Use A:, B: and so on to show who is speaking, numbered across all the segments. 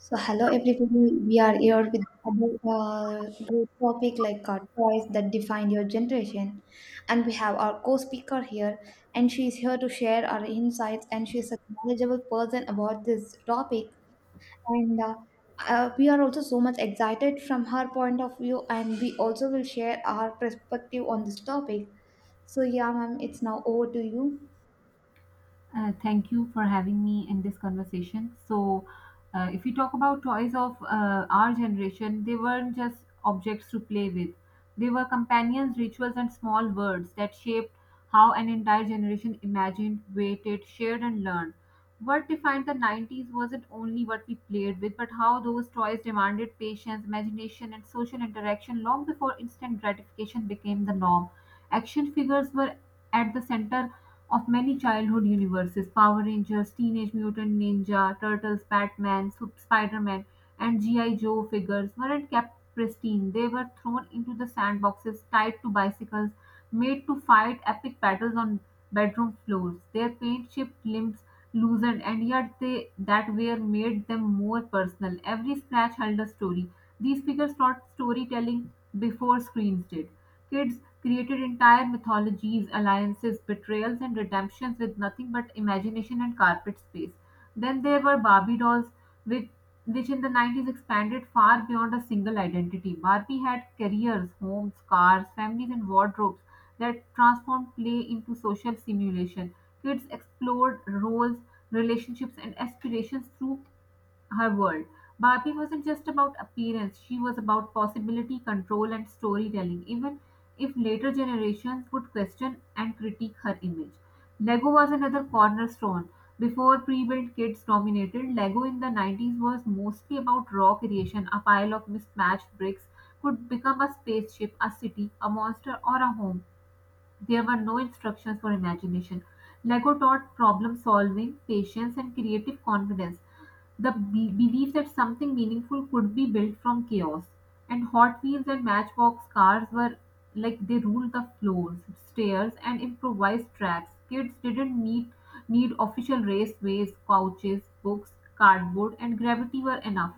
A: So, hello everybody. We are here with another great topic like toys that define your generation, and we have our co-speaker here, and she is here to share our insights, and she is a knowledgeable person about this topic, and we are also so much excited from her point of view, and we also will share our perspective on this topic. So, yeah, ma'am, it's now over to you.
B: Thank you for having me in this conversation. So, if you talk about toys of our generation, they weren't just objects to play with, they were companions, rituals, and small words that shaped how an entire generation imagined, waited, shared, and learned. What defined the 90s wasn't only what we played with, but how those toys demanded patience, imagination, and social interaction long before instant gratification became the norm. Action figures were at the center of many childhood universes: Power Rangers, Teenage Mutant Ninja Turtles, Batman, Spider-Man, and G.I. Joe figures weren't kept pristine. They were thrown into the sandboxes, tied to bicycles, made to fight epic battles on bedroom floors. Their paint chipped limbs loosened, and yet they that wear made them more personal. Every scratch held a story. These figures taught storytelling before screens did. Kids created entire mythologies, alliances, betrayals and redemptions with nothing but imagination and carpet space. Then there were Barbie dolls, which, which in the 90s expanded far beyond a single identity. Barbie had careers, homes, cars, families, and wardrobes that transformed play into social simulation. Kids explored roles, relationships, and aspirations through her world. Barbie wasn't just about appearance, she was about possibility, control, and storytelling, even if later generations would question and critique her image. Lego was another cornerstone. Before pre built kits dominated, Lego in the 90s was mostly about raw creation. A pile of mismatched bricks could become a spaceship, a city, a monster, or a home. There were no instructions for imagination. Lego taught problem solving, patience, and creative confidence. The belief that something meaningful could be built from chaos. And Hot Wheels and Matchbox cars were like they ruled the floors, stairs, and improvised tracks. Kids didn't need official raceways, couches, books, cardboard, and gravity were enough.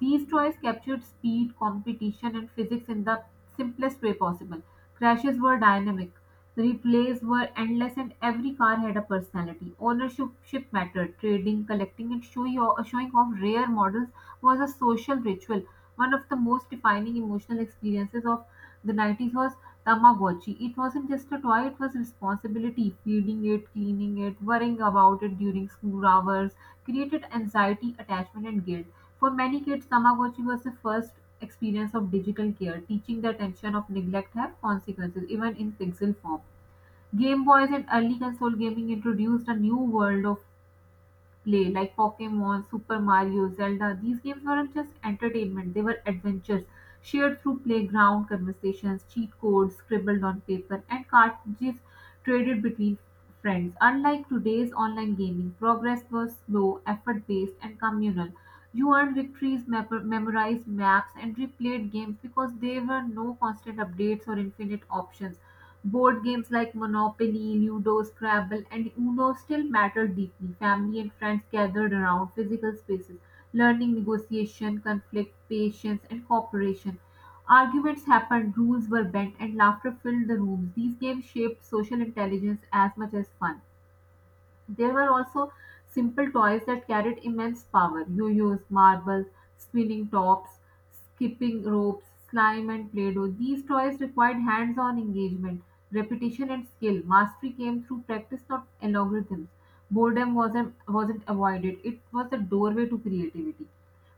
B: These toys captured speed, competition, and physics in the simplest way possible. Crashes were dynamic. Replays were endless and every car had a personality. Ownership ship mattered. Trading, collecting and showing off rare models was a social ritual. One of the most defining emotional experiences of the 90s was Tamagotchi. It wasn't just a toy, it was responsibility. Feeding it, cleaning it, worrying about it during school hours created anxiety, attachment and guilt. For many kids, Tamagotchi was the first experience of digital care, teaching the attention of neglect have consequences, even in pixel form. Game Boys and early console gaming introduced a new world of play like Pokemon, Super Mario, Zelda. These games weren't just entertainment, they were adventures shared through playground conversations, cheat codes scribbled on paper, and cartridges traded between friends. Unlike today's online gaming, progress was slow, effort based, and communal. You earned victories, memorized maps, and replayed games because there were no constant updates or infinite options. Board games like Monopoly, Ludo, Scrabble, and Uno still matter deeply. Family and friends gathered around physical spaces, learning negotiation, conflict, patience, and cooperation. Arguments happened, rules were bent, and laughter filled the rooms. These games shaped social intelligence as much as fun. There were also simple toys that carried immense power yo-yos, marbles, spinning tops, skipping ropes, slime, and play doh. These toys required hands on engagement, repetition, and skill. Mastery came through practice, not algorithms. Boredom wasn't avoided, it was the doorway to creativity.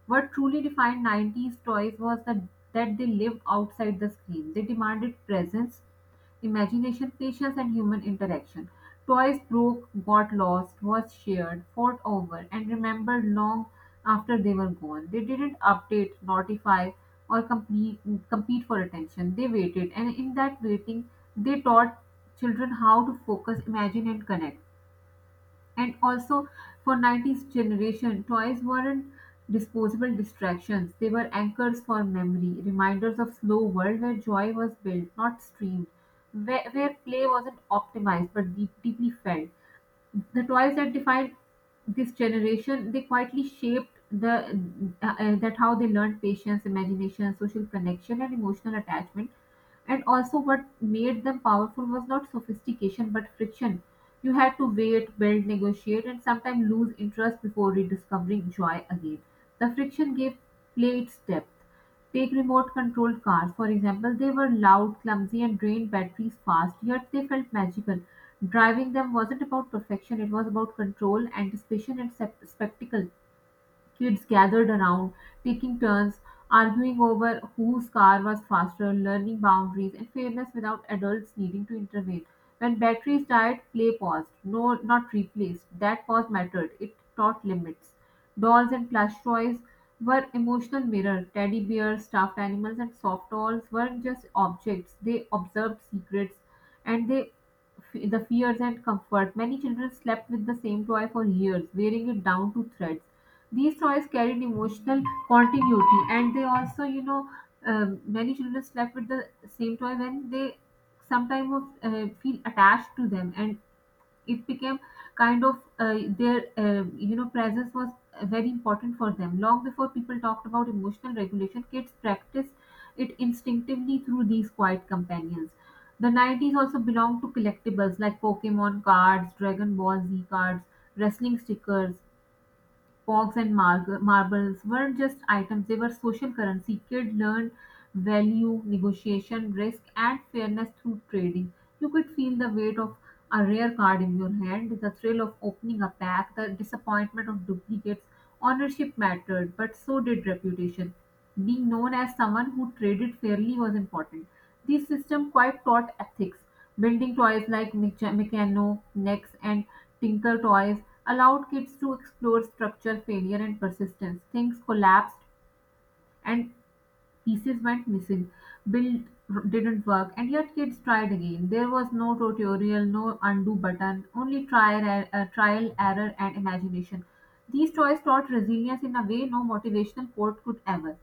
B: What truly defined 90s toys was that they lived outside the screen. They demanded presence, imagination, patience, and human interaction. Toys broke, got lost, was shared, fought over, and remembered long after they were gone. They didn't update, notify, or compete for attention. They waited, and in that waiting, they taught children how to focus, imagine, and connect. And also for 90s generation, toys weren't disposable distractions. They were anchors for memory, reminders of slow world where joy was built, not streamed, where play wasn't optimized but deep, deeply felt. The toys that defined this generation, they quietly shaped the that how they learned patience, imagination, social connection, and emotional attachment. And also, what made them powerful was not sophistication but friction. You had to wait, build, negotiate, and sometimes lose interest before rediscovering joy again. The friction gave play its depth. Take remote-controlled cars, for example. They were loud, clumsy, and drained batteries fast, yet they felt magical. Driving them wasn't about perfection, it was about control, anticipation, and spectacle. Kids gathered around, taking turns, arguing over whose car was faster, learning boundaries and fairness without adults needing to intervene. When batteries died, play paused. No, not replaced. That pause mattered. It taught limits. Dolls and plush toys were emotional mirrors. Teddy bears, stuffed animals, and soft dolls weren't just objects. They observed secrets, and they the fears and comfort. Many children slept with the same toy for years, wearing it down to threads these toys carried emotional continuity and they also many children slept with the same toy when they sometimes feel attached to them and it became kind of their presence was very important for them long before people talked about emotional regulation kids practiced it instinctively through these quiet companions the 90s also belonged to collectibles like Pokemon cards, Dragon Ball Z cards, wrestling stickers, Pogs and marbles weren't just items, they were social currency. Kids learned value, negotiation, risk, and fairness through trading. You could feel the weight of a rare card in your hand, the thrill of opening a pack, the disappointment of duplicates. Ownership mattered, but so did reputation. Being known as someone who traded fairly was important; this system quite taught ethics. Building toys like Mechano, Nex, and Tinker Toys allowed kids to explore structure, failure, and persistence. Things collapsed and pieces went missing. Build didn't work, and yet kids tried again. There was no tutorial, no undo button, only trial error, and imagination. These toys taught resilience in a way no motivational quote could ever.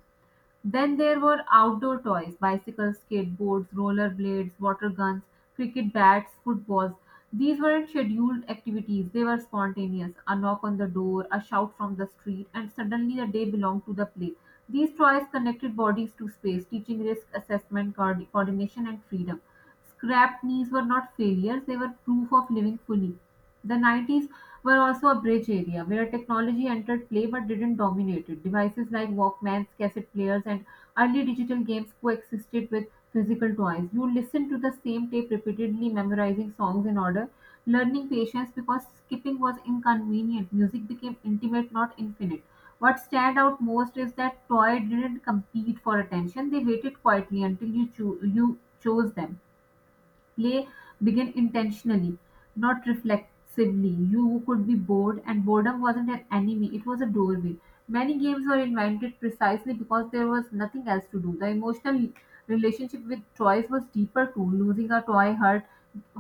B: Then there were outdoor toys: bicycles, skateboards, roller blades, water guns, cricket bats, footballs. These weren't scheduled activities, they were spontaneous. A knock on the door, a shout from the street, and suddenly the day belonged to the play. These toys connected bodies to space, teaching risk assessment, coordination, and freedom. Scrapped knees were not failures, they were proof of living fully. The 90s were also a bridge area where technology entered play but didn't dominate it. Devices like Walkmans, cassette players, and early digital games coexisted with physical toys. You listened to the same tape repeatedly, memorizing songs in order, learning patience because skipping was inconvenient. Music became intimate, not infinite. What stand out most is that toy didn't compete for attention. They waited quietly until you chose them play began intentionally, not reflexively. You could be bored, and boredom wasn't an enemy, it was a doorway. Many games were invented precisely because there was nothing else to do. The emotional relationship with toys was deeper too. Losing a toy hurt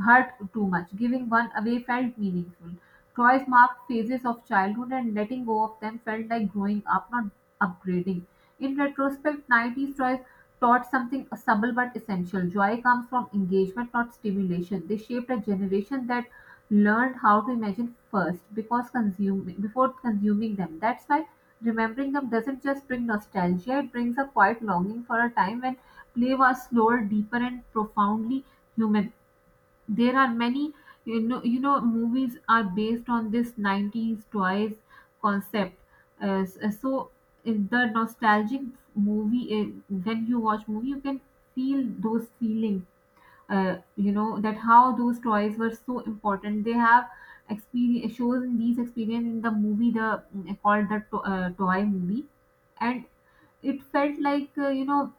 B: hurt too much. Giving one away felt meaningful. Toys marked phases of childhood and letting go of them felt like growing up, not upgrading. In retrospect, 90s toys taught something subtle but essential: joy comes from engagement, not stimulation. They shaped a generation that learned how to imagine first because consuming before consuming them. That's why remembering them doesn't just bring nostalgia, it brings a quiet longing for a time when play was slower, deeper, and profoundly human there are many you know movies are based on this 90s toys concept so in the nostalgic movie when you watch movie you can feel those feelings you know that how those toys were so important they have experience shows in these experience in the movie the called the toy movie and it felt like you know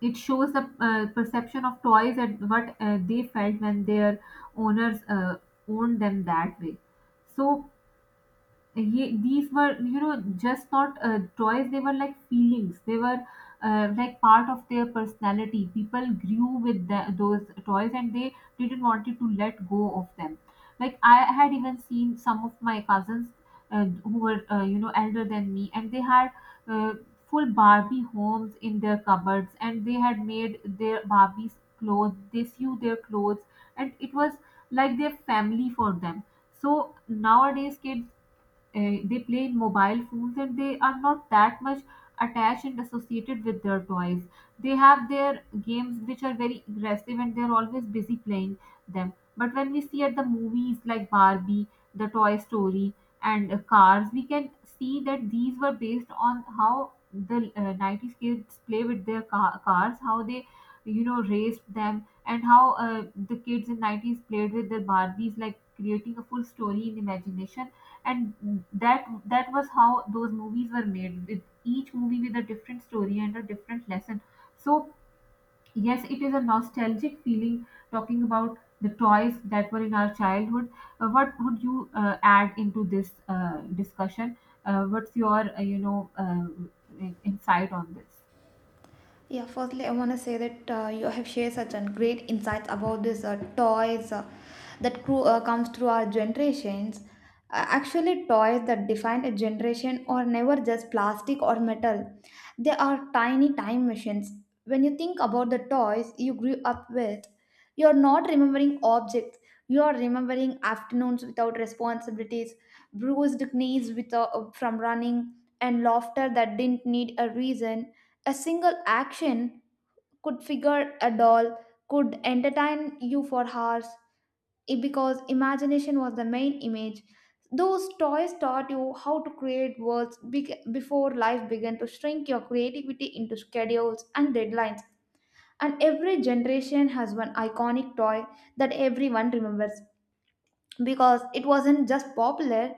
B: it shows the perception of toys at what they felt when their owners owned them that way so these were you know just not toys they were like feelings they were like part of their personality people grew with those toys and they didn't want to let go of them like I had even seen some of my cousins who were you know elder than me and they had uh, full Barbie homes in their cupboards and they had made their Barbies clothes they sew their clothes and it was like their family for them so nowadays kids they play in mobile phones and they are not that much attached and associated with their toys they have their games which are very aggressive and they're always busy playing them but when we see at the movies like Barbie, the Toy Story and Cars we can see that these were based on how the 90s kids play with their cars how they you know raced them And how the kids in 90s played with their barbies, like creating a full story in imagination. And that that was how those movies were made, with each movie with a different story and a different lesson. So yes, it is a nostalgic feeling talking about the toys that were in our childhood. What would you add into this discussion? What's your insight on this?
A: Yeah, firstly, I want to say that you have shared such an great insights about this toys that comes through our generations. Actually, toys that define a generation are never just plastic or metal. They are tiny time machines. When you think about the toys you grew up with, you are not remembering objects. You are remembering afternoons without responsibilities, bruised knees with from running, and laughter that didn't need a reason, a single action could figure a doll, could entertain you for hours because imagination was the main image. Those toys taught you how to create worlds before life began to shrink your creativity into schedules and deadlines. And every generation has one iconic toy that everyone remembers because it wasn't just popular,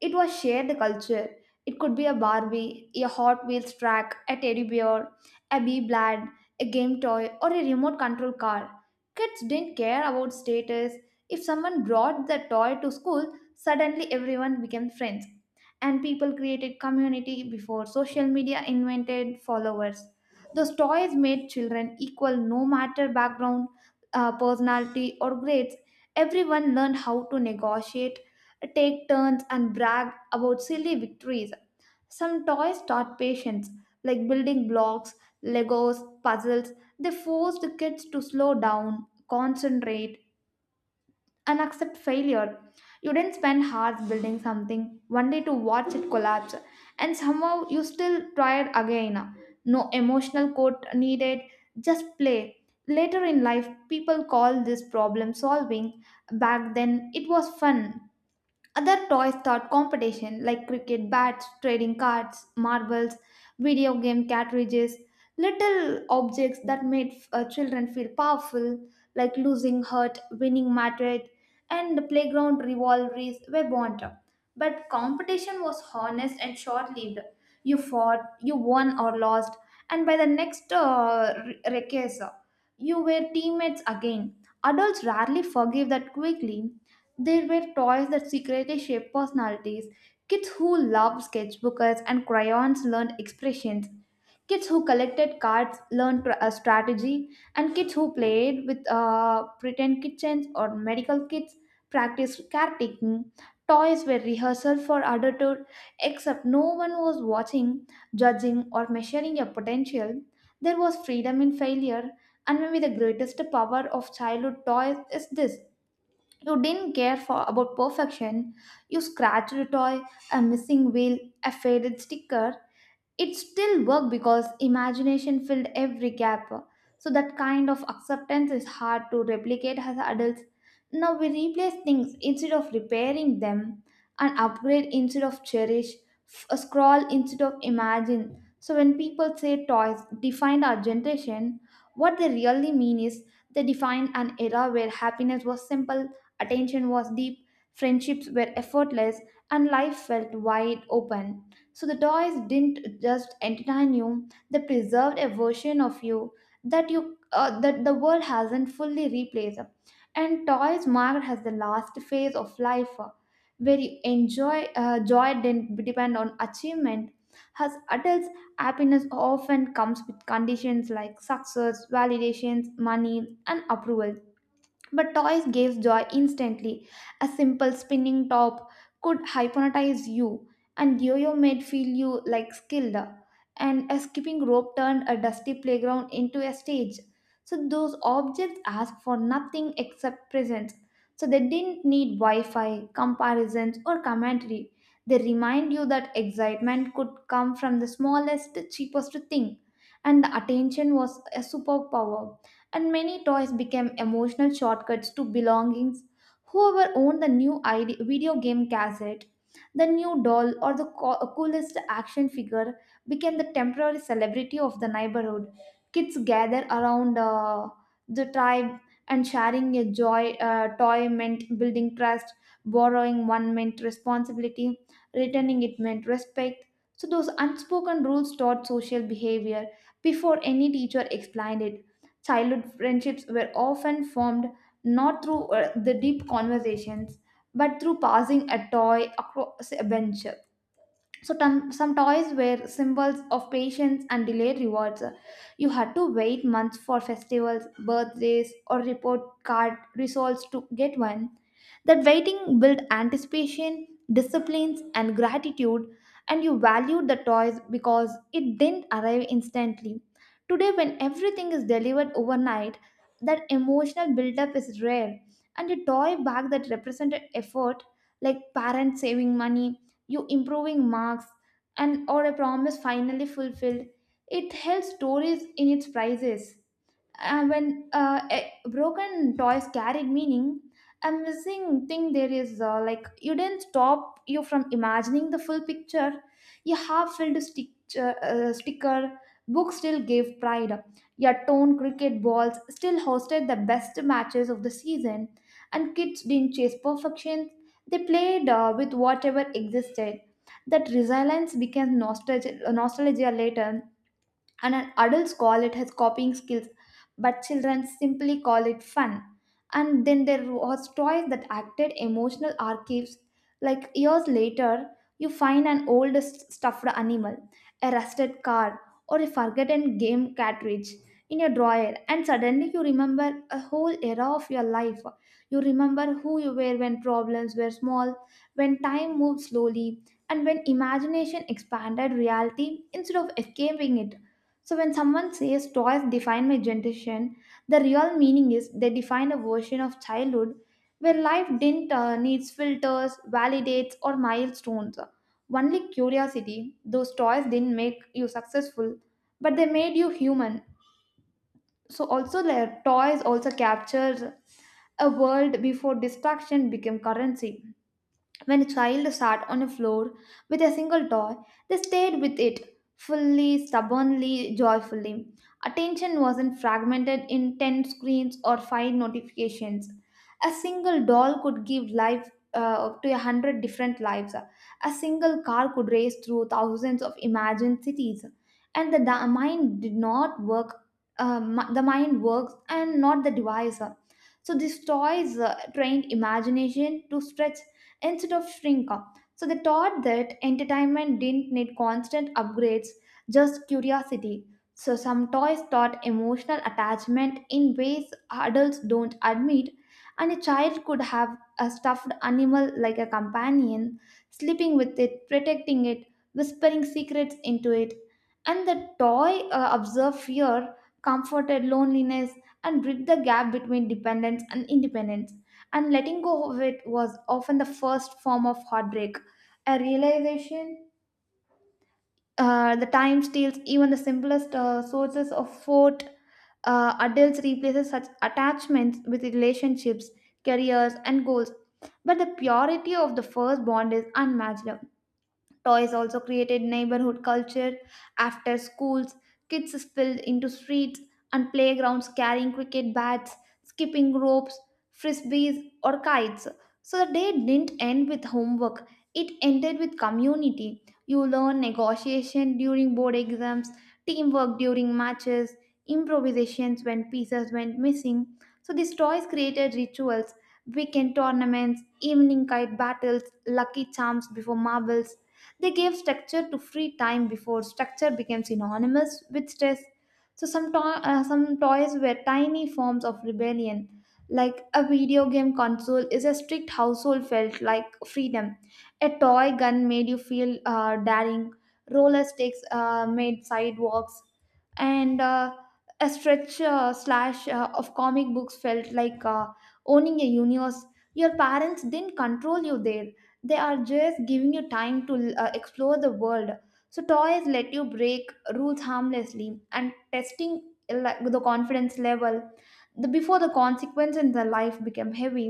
A: it was shared the culture. It could be a Barbie, a Hot Wheels track, a teddy bear, a bee blad, a game toy, or a remote control car. Kids didn't care about status. If someone brought the toy to school, suddenly everyone became friends. And people created community before social media invented followers. Those toys made children equal no matter background, personality, or grades. Everyone learned how to negotiate, take turns and brag about silly victories. Some toys taught patience, like building blocks, Legos, puzzles. They forced the kids to slow down, concentrate, and accept failure. You didn't spend hours building something, only to watch it collapse, and somehow you still tried again. No emotional quote needed, just play. Later in life, people call this problem solving. Back then, it was fun. Other toys start competition like cricket bats, trading cards, marbles, video game cartridges, little objects that made children feel powerful, like losing hurt, winning mattered, and playground rivalries were born. But competition was honest and short-lived. You fought, you won or lost, and by the next recess, you were teammates again. Adults rarely forgive that quickly. There were toys that secretly shaped personalities. Kids who loved sketchbooks and crayons learned expressions. Kids who collected cards learned strategy. And kids who played with pretend kitchens or medical kits practiced caretaking. Toys were rehearsal for adulthood, except no one was watching, judging, or measuring your potential. There was freedom in failure, and maybe the greatest power of childhood toys is this: you didn't care for about perfection. You scratched a toy, a missing wheel, a faded sticker, it still worked because imagination filled every gap. So that kind of acceptance is hard to replicate as adults. Now we replace things instead of repairing them, and upgrade instead of cherish, scroll instead of imagine. So when people say toys defined our generation, what they really mean is they defined an era where happiness was simple, attention was deep, friendships were effortless, and life felt wide open. So the toys didn't just entertain you, they preserved a version of you that the world hasn't fully replaced. And toys marked as the last phase of life where you enjoy, joy didn't depend on achievement. As adults, happiness often comes with conditions like success, validations, money, and approval, but toys gave joy instantly. A simple spinning top could hypnotize you, and yo-yo made feel you like skilled. And a skipping rope turned a dusty playground into a stage. So those objects asked for nothing except presence. So they didn't need Wi-Fi, comparisons, or commentary. They remind you that excitement could come from the smallest, cheapest thing, and the attention was a superpower. And many toys became emotional shortcuts to belongings. Whoever owned the new video game cassette, the new doll, or the coolest action figure became the temporary celebrity of the neighborhood. Kids gather around, the tribe, and sharing a joy toy meant building trust, borrowing one meant responsibility, returning it meant respect. So those unspoken rules taught social behavior before any teacher explained it. Childhood friendships were often formed not through the deep conversations but through passing a toy across a bench. So some toys were symbols of patience and delayed rewards. You had to wait months for festivals, birthdays, or report card results to get one. That waiting built anticipation, disciplines, and gratitude, and you valued the toys because it didn't arrive instantly. Today, when everything is delivered overnight, that emotional buildup is rare, and a toy bag that represented effort, like parents saving money, you improving marks, and or a promise finally fulfilled, it held stories in its prices. And when broken toys carried meaning, a missing thing there is like you didn't stop you from imagining the full picture. Your half-filled sticker book still gave pride, your torn cricket balls still hosted the best matches of the season, and kids didn't chase perfection, they played with whatever existed. That resilience became nostalgia later, and an adults call it as copying skills, but children simply call it fun. And then there was toys that acted emotional archives, like years later you find an old stuffed animal, a rusted car, or a forgotten game cartridge in your drawer, and suddenly you remember a whole era of your life. You remember who you were when problems were small, when time moved slowly, and when imagination expanded reality instead of escaping it. So when someone says toys define my generation, the real meaning is they define a version of childhood where life didn't needs filters, validates, or milestones. Only curiosity. Those toys didn't make you successful, but they made you human. So also, their toys also captures a world before distraction became currency. When a child sat on a floor with a single toy, they stayed with it, fully, stubbornly, joyfully. Attention wasn't fragmented in 10 screens or 5 notifications. A single doll could give life to a hundred different lives. A single car could race through thousands of imagined cities. And the da- mind did not work, mi- the mind works and not the device. So these toys trained imagination to stretch instead of shrink up. So they taught that entertainment didn't need constant upgrades, just curiosity. So some toys taught emotional attachment in ways adults don't admit, and a child could have a stuffed animal like a companion, sleeping with it, protecting it, whispering secrets into it. And the toy observed fear, comforted loneliness, and bridged the gap between dependence and independence, and letting go of it was often the first form of heartbreak. A realization, the time steals even the simplest sources of fort. Adults replaces such attachments with relationships, careers, and goals. But the purity of the first bond is unmatched. Toys also created neighborhood culture. After schools, kids spilled into streets and playgrounds carrying cricket bats, skipping ropes, frisbees, or kites. So the day didn't end with homework, it ended with community. You learn negotiation during board exams, teamwork during matches, improvisations when pieces went missing. So these toys created rituals, weekend tournaments, evening kite battles, lucky charms before marbles. They gave structure to free time before structure became synonymous with stress. So some toys were tiny forms of rebellion. Like a video game console is a strict household felt like freedom. A toy gun made you feel daring. Roller sticks made sidewalks. And a stretch slash of comic books felt like owning a universe. Your parents didn't control you there, they are just giving you time to explore the world. So toys let you break rules harmlessly and testing, like the confidence level, the before the consequence in the life became heavy.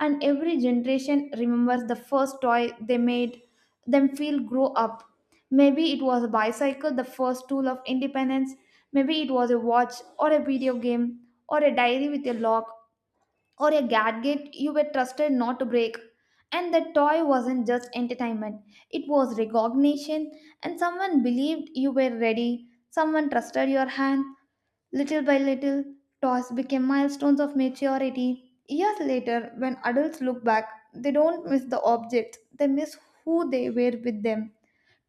A: And every generation remembers the first toy they made them feel grow up. Maybe it was a bicycle, the first tool of independence. Maybe it was a watch or a video game, or a diary with a lock, or a gadget you were trusted not to break. And the toy wasn't just entertainment, it was recognition, and someone believed you were ready, someone trusted your hand. Little by little, toys became milestones of maturity. Years later, when adults look back, they don't miss the objects, they miss who they were with them.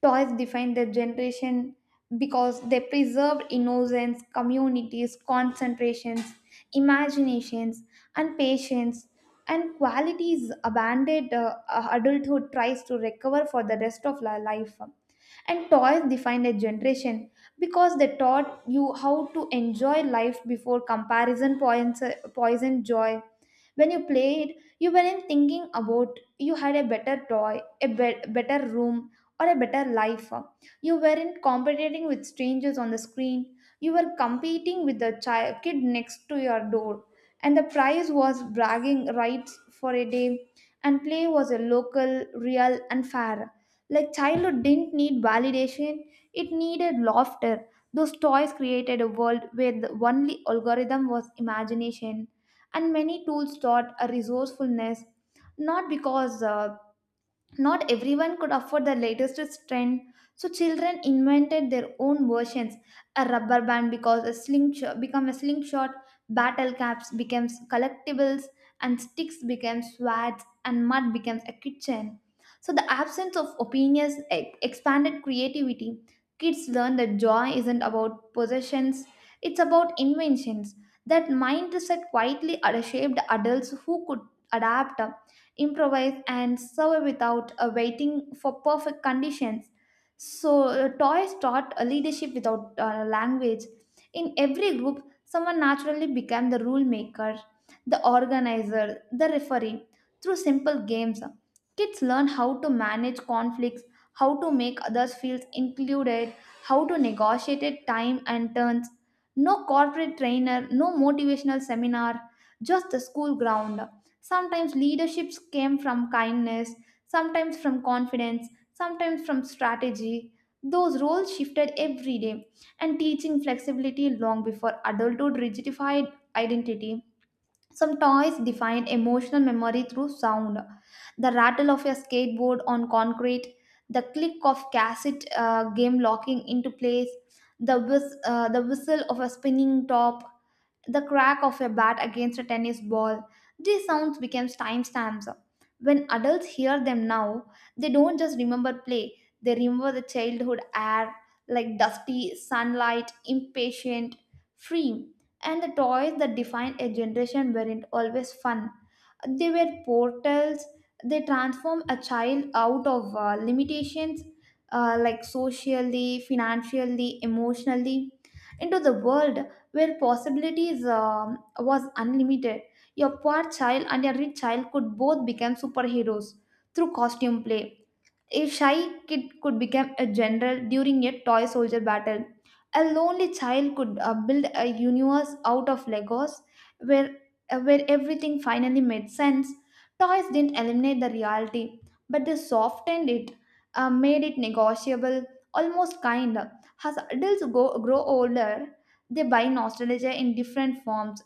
A: Toys defined their generation because they preserved innocence, communities, concentrations, imaginations, and patience, and qualities abandoned adulthood tries to recover for the rest of life. And toys defined a generation because they taught you how to enjoy life before comparison points, poison joy. When you played, you weren't thinking about you had a better toy, a better room, or a better life. You weren't competing with strangers on the screen, you were competing with the child, kid next to your door. And the prize was bragging rights for a day, and play was a local, real, and fair. Like childhood didn't need validation, it needed laughter. Those toys created a world where the only algorithm was imagination, and many tools taught a resourcefulness, not because not everyone could afford the latest trend, so children invented their own versions. A rubber band because a slingshot become a slingshot, battle caps becomes collectibles, and sticks became swords, and mud becomes a kitchen. So the absence of opinions expanded creativity. Kids learn that joy isn't about possessions; it's about inventions. That mindset quietly shaped adults who could adapt improvise and survive without waiting for perfect conditions. So toys taught leadership without language. In every group, someone naturally became the rule maker, the organizer, the referee. Through simple games, kids learn how to manage conflicts, how to make others feel included, how to negotiate at time and turns. No corporate trainer, no motivational seminar, just the school ground. Sometimes leaderships came from kindness, sometimes from confidence, sometimes from strategy. Those roles shifted every day, and teaching flexibility long before adulthood rigidified identity. Some toys define emotional memory through sound. The rattle of a skateboard on concrete, the click of cassette game locking into place, the whistle of a spinning top, the crack of a bat against a tennis ball. These sounds became timestamps. When adults hear them now, they don't just remember play, they remember the childhood air like dusty, sunlight, impatient, free. And the toys that defined a generation weren't always fun. They were portals. They transform a child out of limitations, like socially, financially, emotionally, into the world where possibilities was unlimited. Your poor child and your rich child could both become superheroes through costume play. A shy kid could become a general during a toy soldier battle. A lonely child could build a universe out of Legos where, where everything finally made sense. Toys didn't eliminate the reality, but they softened it, made it negotiable, almost kind. As adults grow older, they buy nostalgia in different forms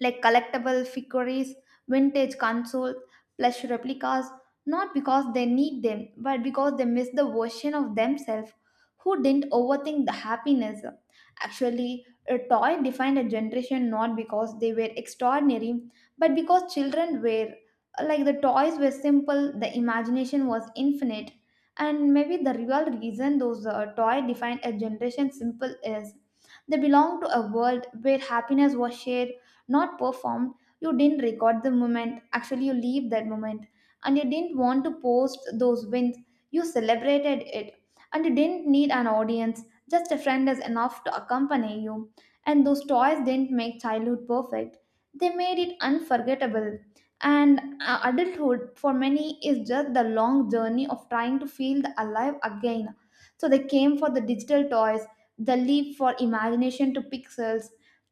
A: like collectible figurines, vintage consoles, plush replicas, not because they need them, but because they miss the version of themselves who didn't overthink the happiness. Actually, a toy defined a generation not because they were extraordinary, but because children were. Like the toys were simple, the imagination was infinite, and maybe the real reason those toy defined a generation simple is they belong to a world where happiness was shared not performed. You didn't record the moment, actually you leave that moment, and you didn't want to post those wins, you celebrated it, and you didn't need an audience, just a friend is enough to accompany you. And those toys didn't make childhood perfect, they made it unforgettable. And adulthood for many is just the long journey of trying to feel the alive again, so they came for the digital toys, the leap for imagination to pixels.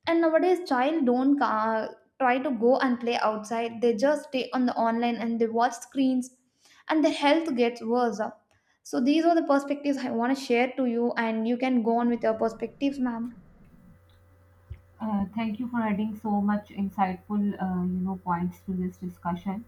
A: And nowadays, child don't try to go and play outside. They just stay on the online and they watch screens, and their health gets worse. So these are the perspectives I want to share to you, and you can go on with your perspectives, ma'am.
B: Thank you for adding so much insightful, points to this discussion.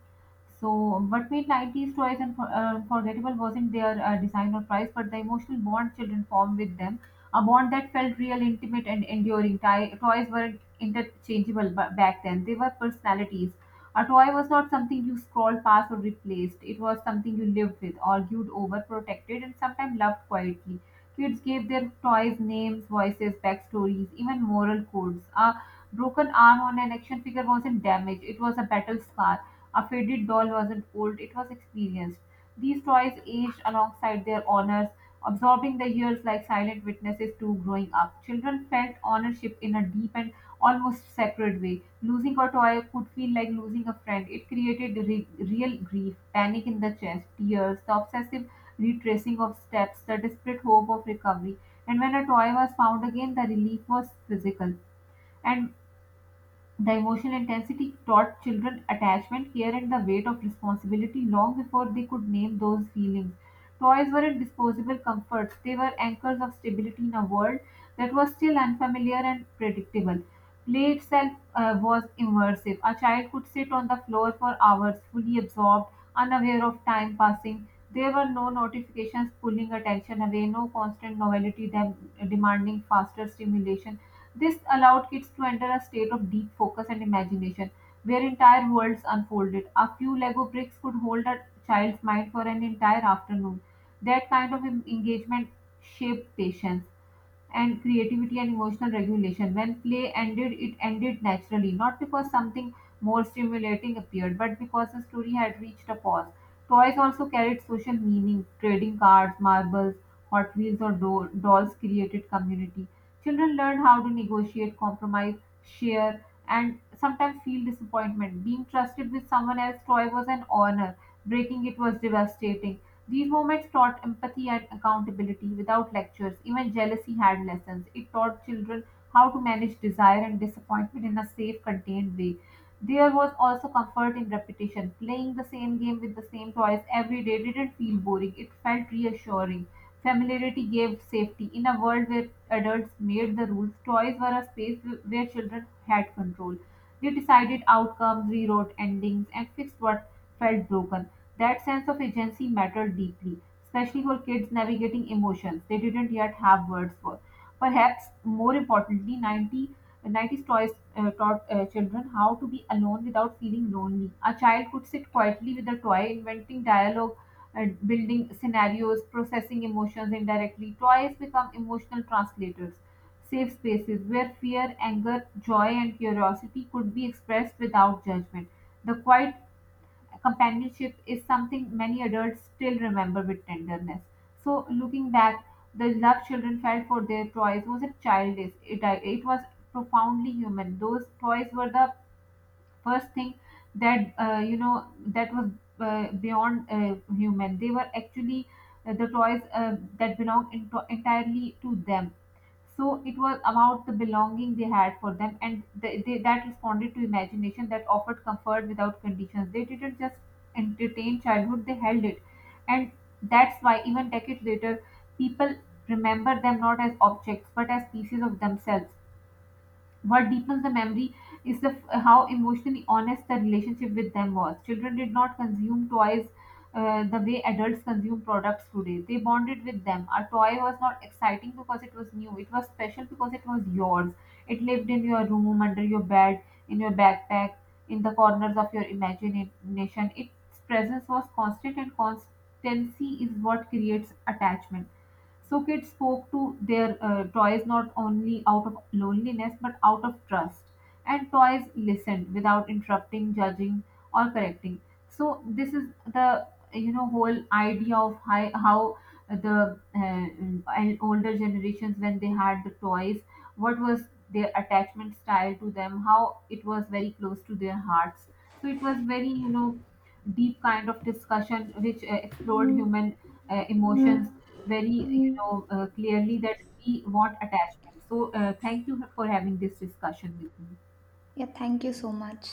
B: So, what made 90s toys unforgettable wasn't their design or price, but the emotional bond children formed with them, a bond that felt real, intimate, and enduring. Toys weren't interchangeable back then; they were personalities. A toy was not something you scrolled past or replaced. It was something you lived with, argued over, protected, and sometimes loved quietly. Kids gave their toys names, voices, backstories, even moral codes. A broken arm on an action figure wasn't damage, it was a battle scar. A faded doll wasn't old, it was experienced. These toys aged alongside their honors, absorbing the years like silent witnesses to growing up. Children felt ownership in a deep and almost sacred way. Losing a toy could feel like losing a friend. It created real grief, panic in the chest, tears, the obsessive retracing of steps, the desperate hope of recovery. And when a toy was found again, the relief was physical. And the emotional intensity taught children attachment, care, and the weight of responsibility long before they could name those feelings. Toys weren't disposable comforts, they were anchors of stability in a world that was still unfamiliar and predictable. Play itself was immersive. A child could sit on the floor for hours, fully absorbed, unaware of time passing. There were no notifications pulling attention away, no constant novelty demanding faster stimulation. This allowed kids to enter a state of deep focus and imagination, where entire worlds unfolded. A few Lego bricks could hold a child's mind for an entire afternoon. That kind of engagement shaped patience and creativity and emotional regulation. When play ended, it ended naturally, not because something more stimulating appeared, but because the story had reached a pause. Toys also carried social meaning. Trading cards, marbles, Hot Wheels, or dolls created community. Children learned how to negotiate, compromise, share, and sometimes feel disappointment. Being trusted with someone else's toy was an honor. Breaking it was devastating. These moments taught empathy and accountability without lectures. Even jealousy had lessons. It taught children how to manage desire and disappointment in a safe, contained way. There was also comfort in repetition. Playing the same game with the same toys every day didn't feel boring, it felt reassuring. Familiarity gave safety. In a world where adults made the rules, toys were a space where children had control. They decided outcomes, rewrote endings, and fixed what felt broken. That sense of agency mattered deeply, especially for kids navigating emotions they didn't yet have words for. Perhaps more importantly, 90 90s toys taught children how to be alone without feeling lonely. A child could sit quietly with a toy, inventing dialogue, building scenarios, processing emotions indirectly. Toys become emotional translators, safe spaces where fear, anger, joy, and curiosity could be expressed without judgment. The quiet companionship is something many adults still remember with tenderness. So, looking back, the love children felt for their toys wasn't childish, it was profoundly human. Those toys were the first thing that that was beyond human. They were actually the toys that belonged into entirely to them. So it was about the belonging they had for them, and that responded to imagination, that offered comfort without conditions. They didn't just entertain childhood, they held it. And that's why even decades later, people remember them not as objects but as pieces of themselves. What deepens the memory is the how emotionally honest the relationship with them was. Children did not consume toys the way adults consume products today. They bonded with them. A toy was not exciting because it was new. It was special because it was yours. It lived in your room, under your bed, in your backpack, in the corners of your imagination. Its presence was constant, and constancy is what creates attachment. So kids spoke to their toys not only out of loneliness but out of trust. And toys listened without interrupting, judging, or correcting. So this is the, you know, whole idea of how the older generations, when they had the toys, what was their attachment style to them, how it was very close to their hearts. So it was very, you know, deep kind of discussion which explored human emotions very, you know, clearly, that we want attachment. So thank you for having this discussion with me.
A: Yeah, thank you so much.